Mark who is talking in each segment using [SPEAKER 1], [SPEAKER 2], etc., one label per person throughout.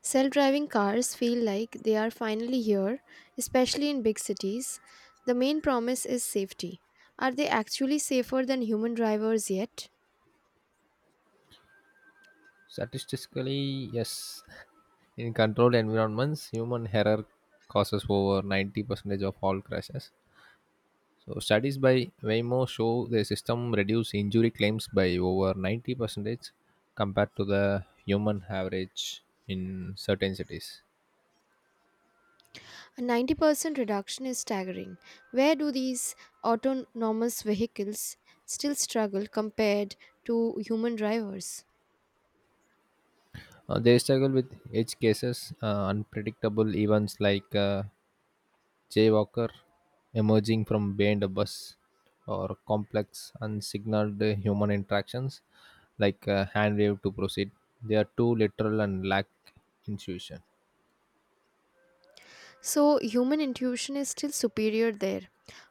[SPEAKER 1] Self driving cars feel like they are finally here, especially in big cities. The main promise is safety. Are they actually safer than human drivers yet?
[SPEAKER 2] Statistically, yes. In controlled environments, human error causes over 90% of all crashes. So, studies by Waymo show the system reduce injury claims by over 90% compared to the human average in certain cities.
[SPEAKER 1] A 90% reduction is staggering. Where do these autonomous vehicles still struggle compared to human drivers?
[SPEAKER 2] They struggle with edge cases, unpredictable events like jaywalker emerging from behind a bus, or complex unsignaled human interactions like a hand wave to proceed. They are too literal and lack intuition.
[SPEAKER 1] So, human intuition is still superior there.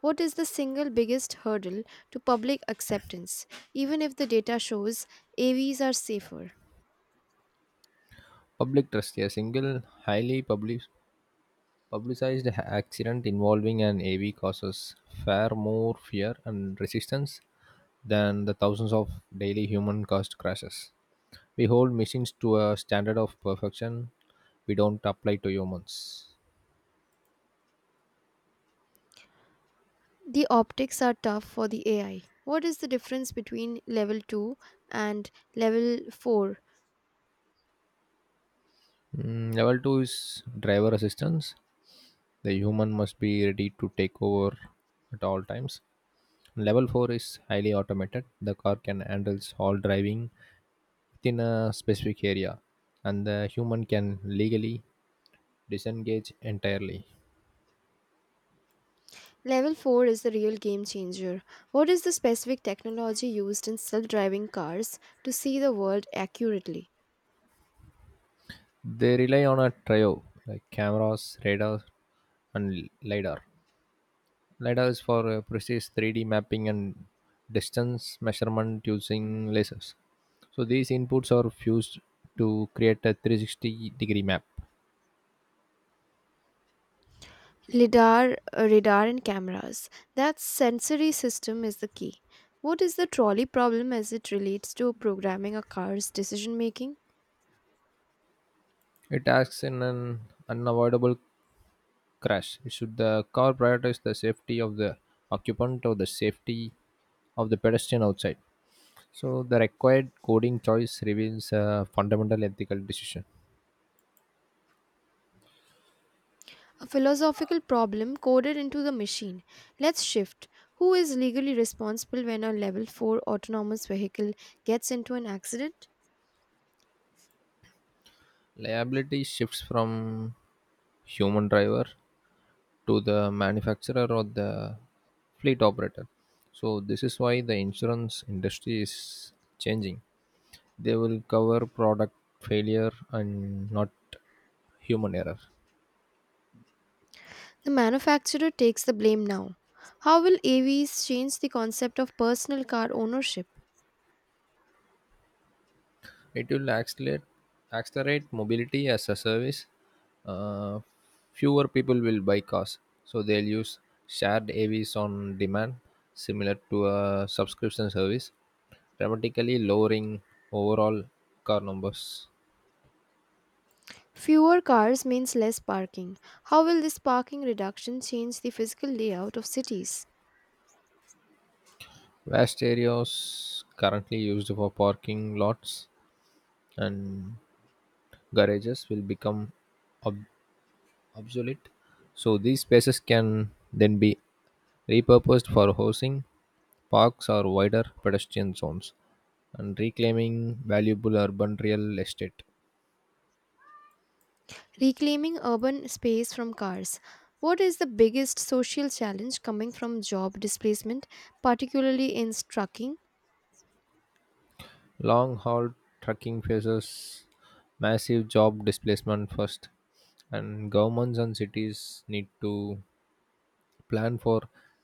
[SPEAKER 1] What is the single biggest hurdle to public acceptance, even if the data shows AVs are safer?
[SPEAKER 2] Public trust. A single, highly public, publicized accident involving an AV causes far more fear and resistance than the thousands of daily human caused crashes. We hold machines to a standard of perfection we don't apply to humans.
[SPEAKER 1] The optics are tough for the AI. What is the difference between level 2 and level 4?
[SPEAKER 2] Level 2 is driver assistance. The human must be ready to take over at all times. Level 4 is highly automated. The car can handle all driving within a specific area, and the human can legally disengage entirely.
[SPEAKER 1] Level 4 is the real game changer. What is the specific technology used in self driving cars to see the world accurately?
[SPEAKER 2] They rely on a trio like cameras, radar, and lidar. LiDAR is for precise 3D mapping and distance measurement using lasers. So these inputs are fused to create a 360-degree map.
[SPEAKER 1] LIDAR, radar, and cameras. That sensory system is the key. What is the trolley problem as it relates to programming a car's decision making?
[SPEAKER 2] It acts in an unavoidable crash. It Should the car prioritize the safety of the occupant or the safety of the pedestrian outside? So the required coding choice reveals a fundamental ethical decision.
[SPEAKER 1] A philosophical problem coded into the machine. Let's shift. Who is legally responsible when a level 4 autonomous vehicle gets into an accident?
[SPEAKER 2] Liability shifts from human driver to the manufacturer or the fleet operator. So this is why the insurance industry is changing. They will cover product failure and not human error.
[SPEAKER 1] The manufacturer takes the blame now. How will AVs change the concept of personal car ownership?
[SPEAKER 2] It will accelerate mobility as a service. Uh, fewer people will buy cars, so they'll use shared AVs on demand, similar to a subscription service, dramatically lowering overall car numbers.
[SPEAKER 1] Fewer cars means less parking. How will this parking reduction change the physical layout of cities?
[SPEAKER 2] Vast areas currently used for parking lots and garages will become ob- obsolete. So these spaces can then be repurposed for housing, parks, or wider pedestrian zones, and reclaiming valuable urban real estate.
[SPEAKER 1] Reclaiming urban space from cars. What is the biggest social challenge coming from job displacement, particularly in trucking?
[SPEAKER 2] Long haul trucking faces massive job displacement first, and governments and cities need to plan for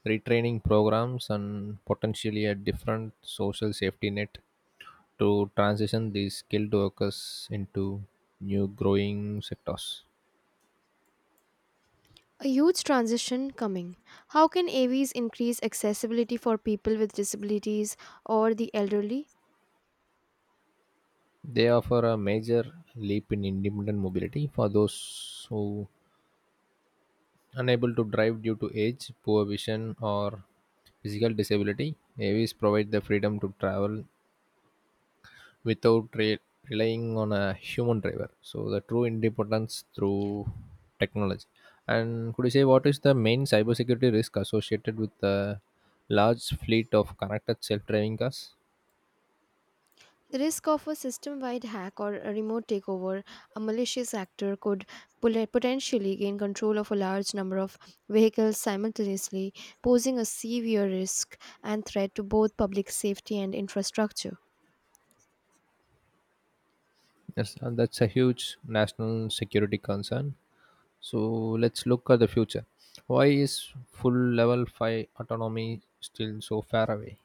[SPEAKER 2] retraining programs and potentially a different social safety net to transition these skilled workers into new growing sectors.
[SPEAKER 1] A huge transition coming. How can AVs increase accessibility for people with disabilities or the elderly?
[SPEAKER 2] They offer a major leap in independent mobility for those who unable to drive due to age, poor vision or physical disability. AVs provide the freedom to travel without relying on a human driver. So the true independence through technology. And could you say what is the main cybersecurity risk associated with the large fleet of connected self-driving cars?
[SPEAKER 1] The risk of a system wide hack or a remote takeover, a malicious actor could potentially gain control of a large number of vehicles simultaneously, posing a severe risk and threat to both public safety and infrastructure.
[SPEAKER 2] Yes, and that's a huge national security concern. So let's look at the future. Why is full level 5 autonomy still so far away?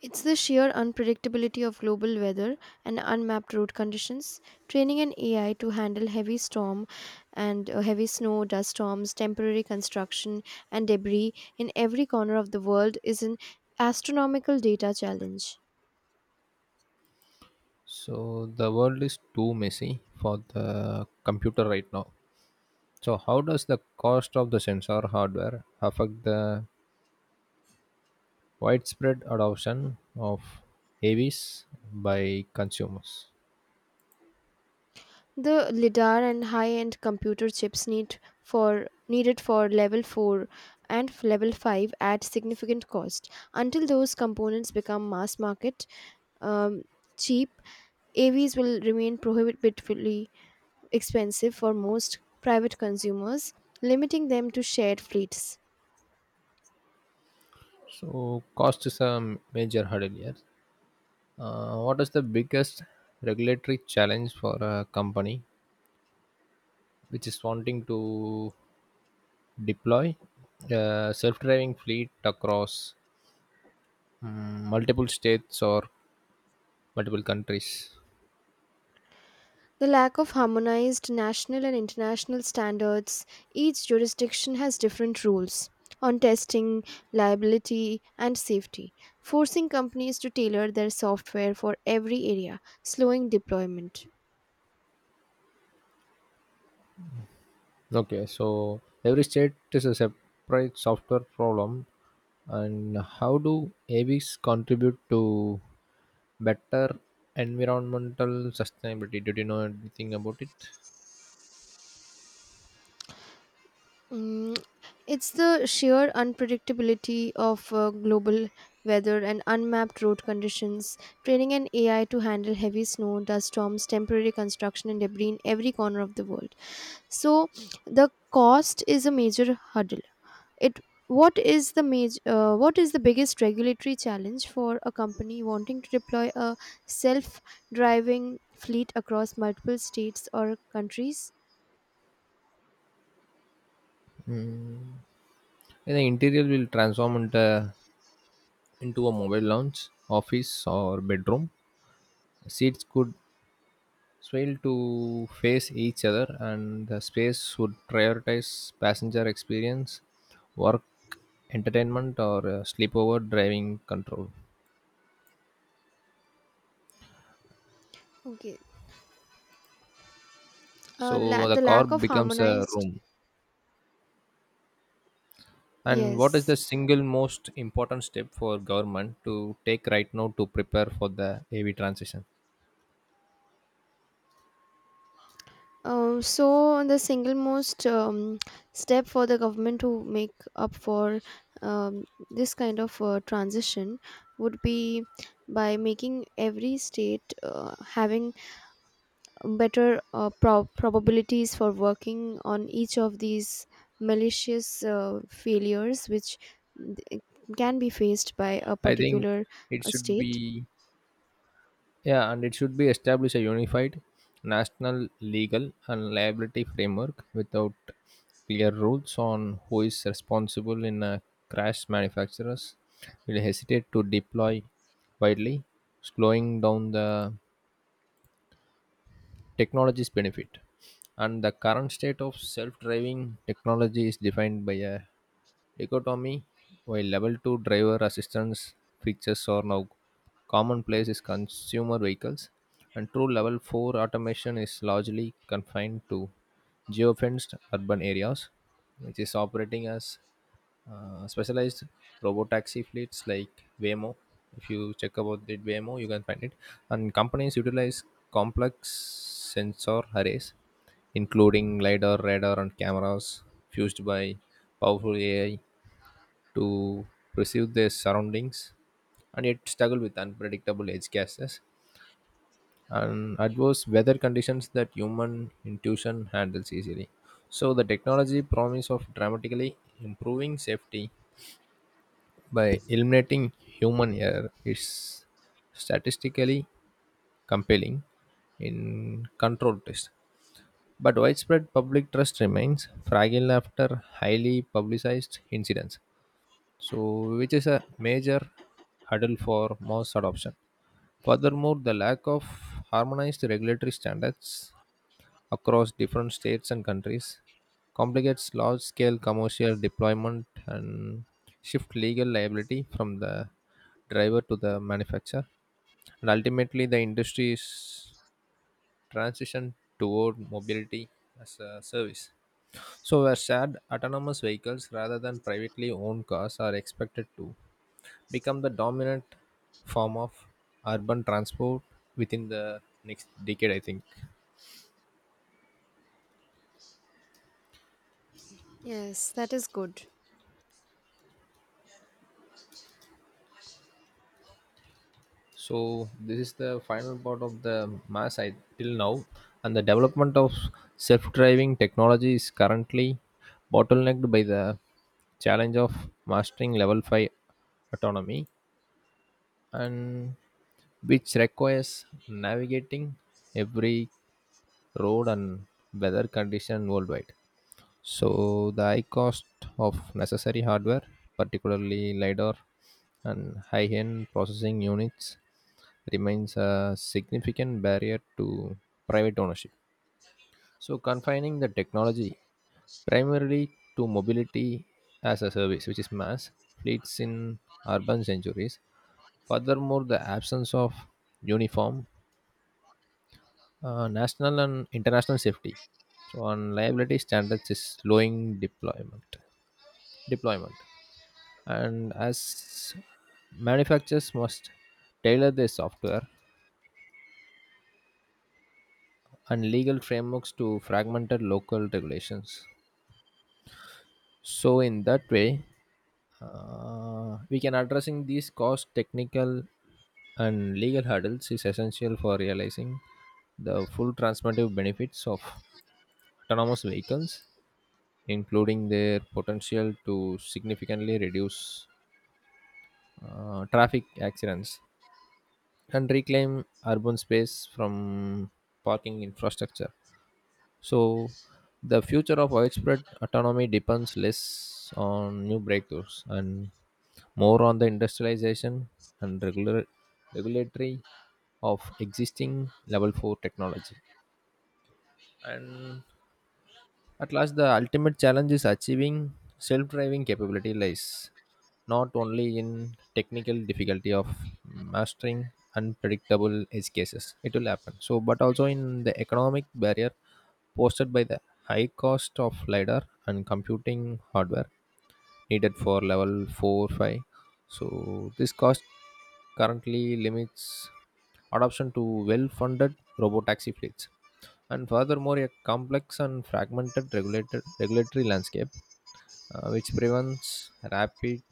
[SPEAKER 1] It's the sheer unpredictability of global weather and unmapped road conditions. Training an AI to handle heavy storm and heavy snow, dust storms, temporary construction, and debris in every corner of the world is an astronomical data challenge.
[SPEAKER 2] So the world is too messy for the computer right now. So, how does the cost of the sensor hardware affect the widespread adoption of AVs by consumers?
[SPEAKER 1] The lidar and high-end computer chips need for needed for level 4 and level 5 at significant cost. Until those components become mass market, um, cheap AVs will remain prohibitively expensive for most private consumers, limiting them to shared fleets.
[SPEAKER 2] So, cost is a major hurdle here. What is the biggest regulatory challenge for a company which is wanting to deploy a self driving fleet across multiple states or multiple countries?
[SPEAKER 1] The lack of harmonized national and international standards, each jurisdiction has different rules on testing, liability, and safety, forcing companies to tailor their software for every area, slowing deployment.
[SPEAKER 2] Okay, so every state is a separate software problem, and how do AVs contribute to better environmental sustainability? Did you know anything about it?
[SPEAKER 1] Mm, it's the sheer unpredictability of global weather and unmapped road conditions. Training an AI to handle heavy snow, dust storms, temporary construction, and debris in every corner of the world. So, the cost is a major hurdle. It what is the major What is the biggest regulatory challenge for a company wanting to deploy a self-driving fleet across multiple states or countries?
[SPEAKER 2] And the interior will into a mobile lounge, office, or bedroom. Seats could swale to face each other, and the space would prioritize passenger experience, work, entertainment, or sleepover driving control.
[SPEAKER 1] Okay,
[SPEAKER 2] So the
[SPEAKER 1] the
[SPEAKER 2] car
[SPEAKER 1] lack of
[SPEAKER 2] becomes a
[SPEAKER 1] harmonized.
[SPEAKER 2] room. And what is the
[SPEAKER 1] Yes.
[SPEAKER 2] single most important step for government to take right now to prepare for the AV transition?
[SPEAKER 1] So the single most step for the government to make up for um, this kind of transition would be by making every state having better probabilities for working on each of these malicious failures which th- can be faced by a
[SPEAKER 2] I think
[SPEAKER 1] particular
[SPEAKER 2] it should
[SPEAKER 1] state.
[SPEAKER 2] be, yeah, and it should be establish a unified national legal and liability framework without clear rules on who is responsible in a crash. Manufacturers will hesitate to deploy widely, slowing down the technologies benefit. And the current state of self driving technology is defined by a dichotomy, while level 2 driver assistance features are now commonplace in consumer vehicles, and true level 4 automation is largely confined to geofenced urban areas, which is operating as specialized robotaxi fleets like Waymo. If you check about the Waymo, you can find it. And companies utilize complex sensor arrays, including LiDAR, radar, and cameras fused by powerful AI to perceive their surroundings and yet struggle with unpredictable edge cases and adverse weather conditions that human intuition handles easily. So the technology promise of dramatically improving safety by eliminating human error, it's statistically compelling in controlled tests. But widespread public trust remains fragile after highly publicized incidents, so which is a major hurdle for mass adoption. Furthermore, the lack of harmonized regulatory standards across different states and countries complicates large scale commercial deployment and shift legal liability from the driver to the manufacturer. And ultimately, the industry is transition toward mobility as a service. So, where shared autonomous vehicles rather than privately owned cars are expected to become the dominant form of urban transport within the next decade, I think.
[SPEAKER 1] Yes, that is good.
[SPEAKER 2] So, this is the final part of the mass I, till now, and the development of self driving technology is currently bottlenecked by the challenge of mastering level 5 autonomy and which requires navigating every road and weather condition worldwide. So the high cost of necessary hardware, particularly LiDAR and high-end processing units, remains a significant barrier to private ownership. So, confining the technology primarily to mobility as a service, which is mass fleets in urban centuries. Furthermore, the absence of uniform national and international safety. So, on liability standards is slowing deployment. Deployment, and as manufacturers must tailor their software and legal frameworks to fragmented local regulations. So in that way, we can addressing these cost, technical, and legal hurdles is essential for realizing the full transformative benefits of autonomous vehicles, including their potential to significantly reduce traffic accidents and reclaim urban space from parking infrastructure. So, the future of widespread autonomy depends less on new breakthroughs and more on the industrialization and regulatory of existing level 4 technology. And at last, the ultimate challenge is achieving self driving capability lies not only in technical difficulty of mastering unpredictable edge cases it will happen so but also in the economic barrier posted by the high cost of lidar and computing hardware needed for level 4 5, so this cost currently limits adoption to well-funded robotaxi fleets. And furthermore, a complex and fragmented regulated regulatory landscape which prevents rapid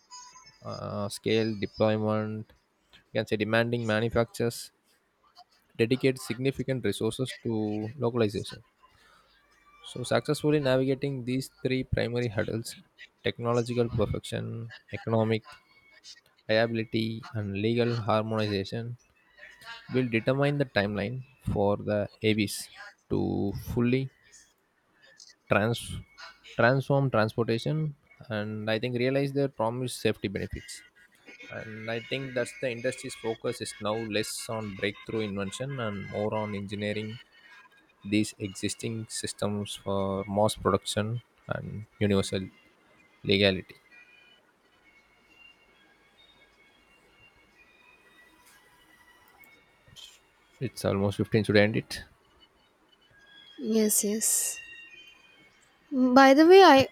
[SPEAKER 2] scale deployment, you can say, demanding manufacturers dedicate significant resources to localization. So, successfully navigating these three primary hurdles, technological perfection, economic viability, and legal harmonization will determine the timeline for the AVs to fully trans- transform transportation and I think realize their promised safety benefits. And I think that's the industry's focus is now less on breakthrough invention and more on engineering these existing systems for mass production and universal legality. It's almost 15, should I end it?
[SPEAKER 1] Yes, yes. By the way, I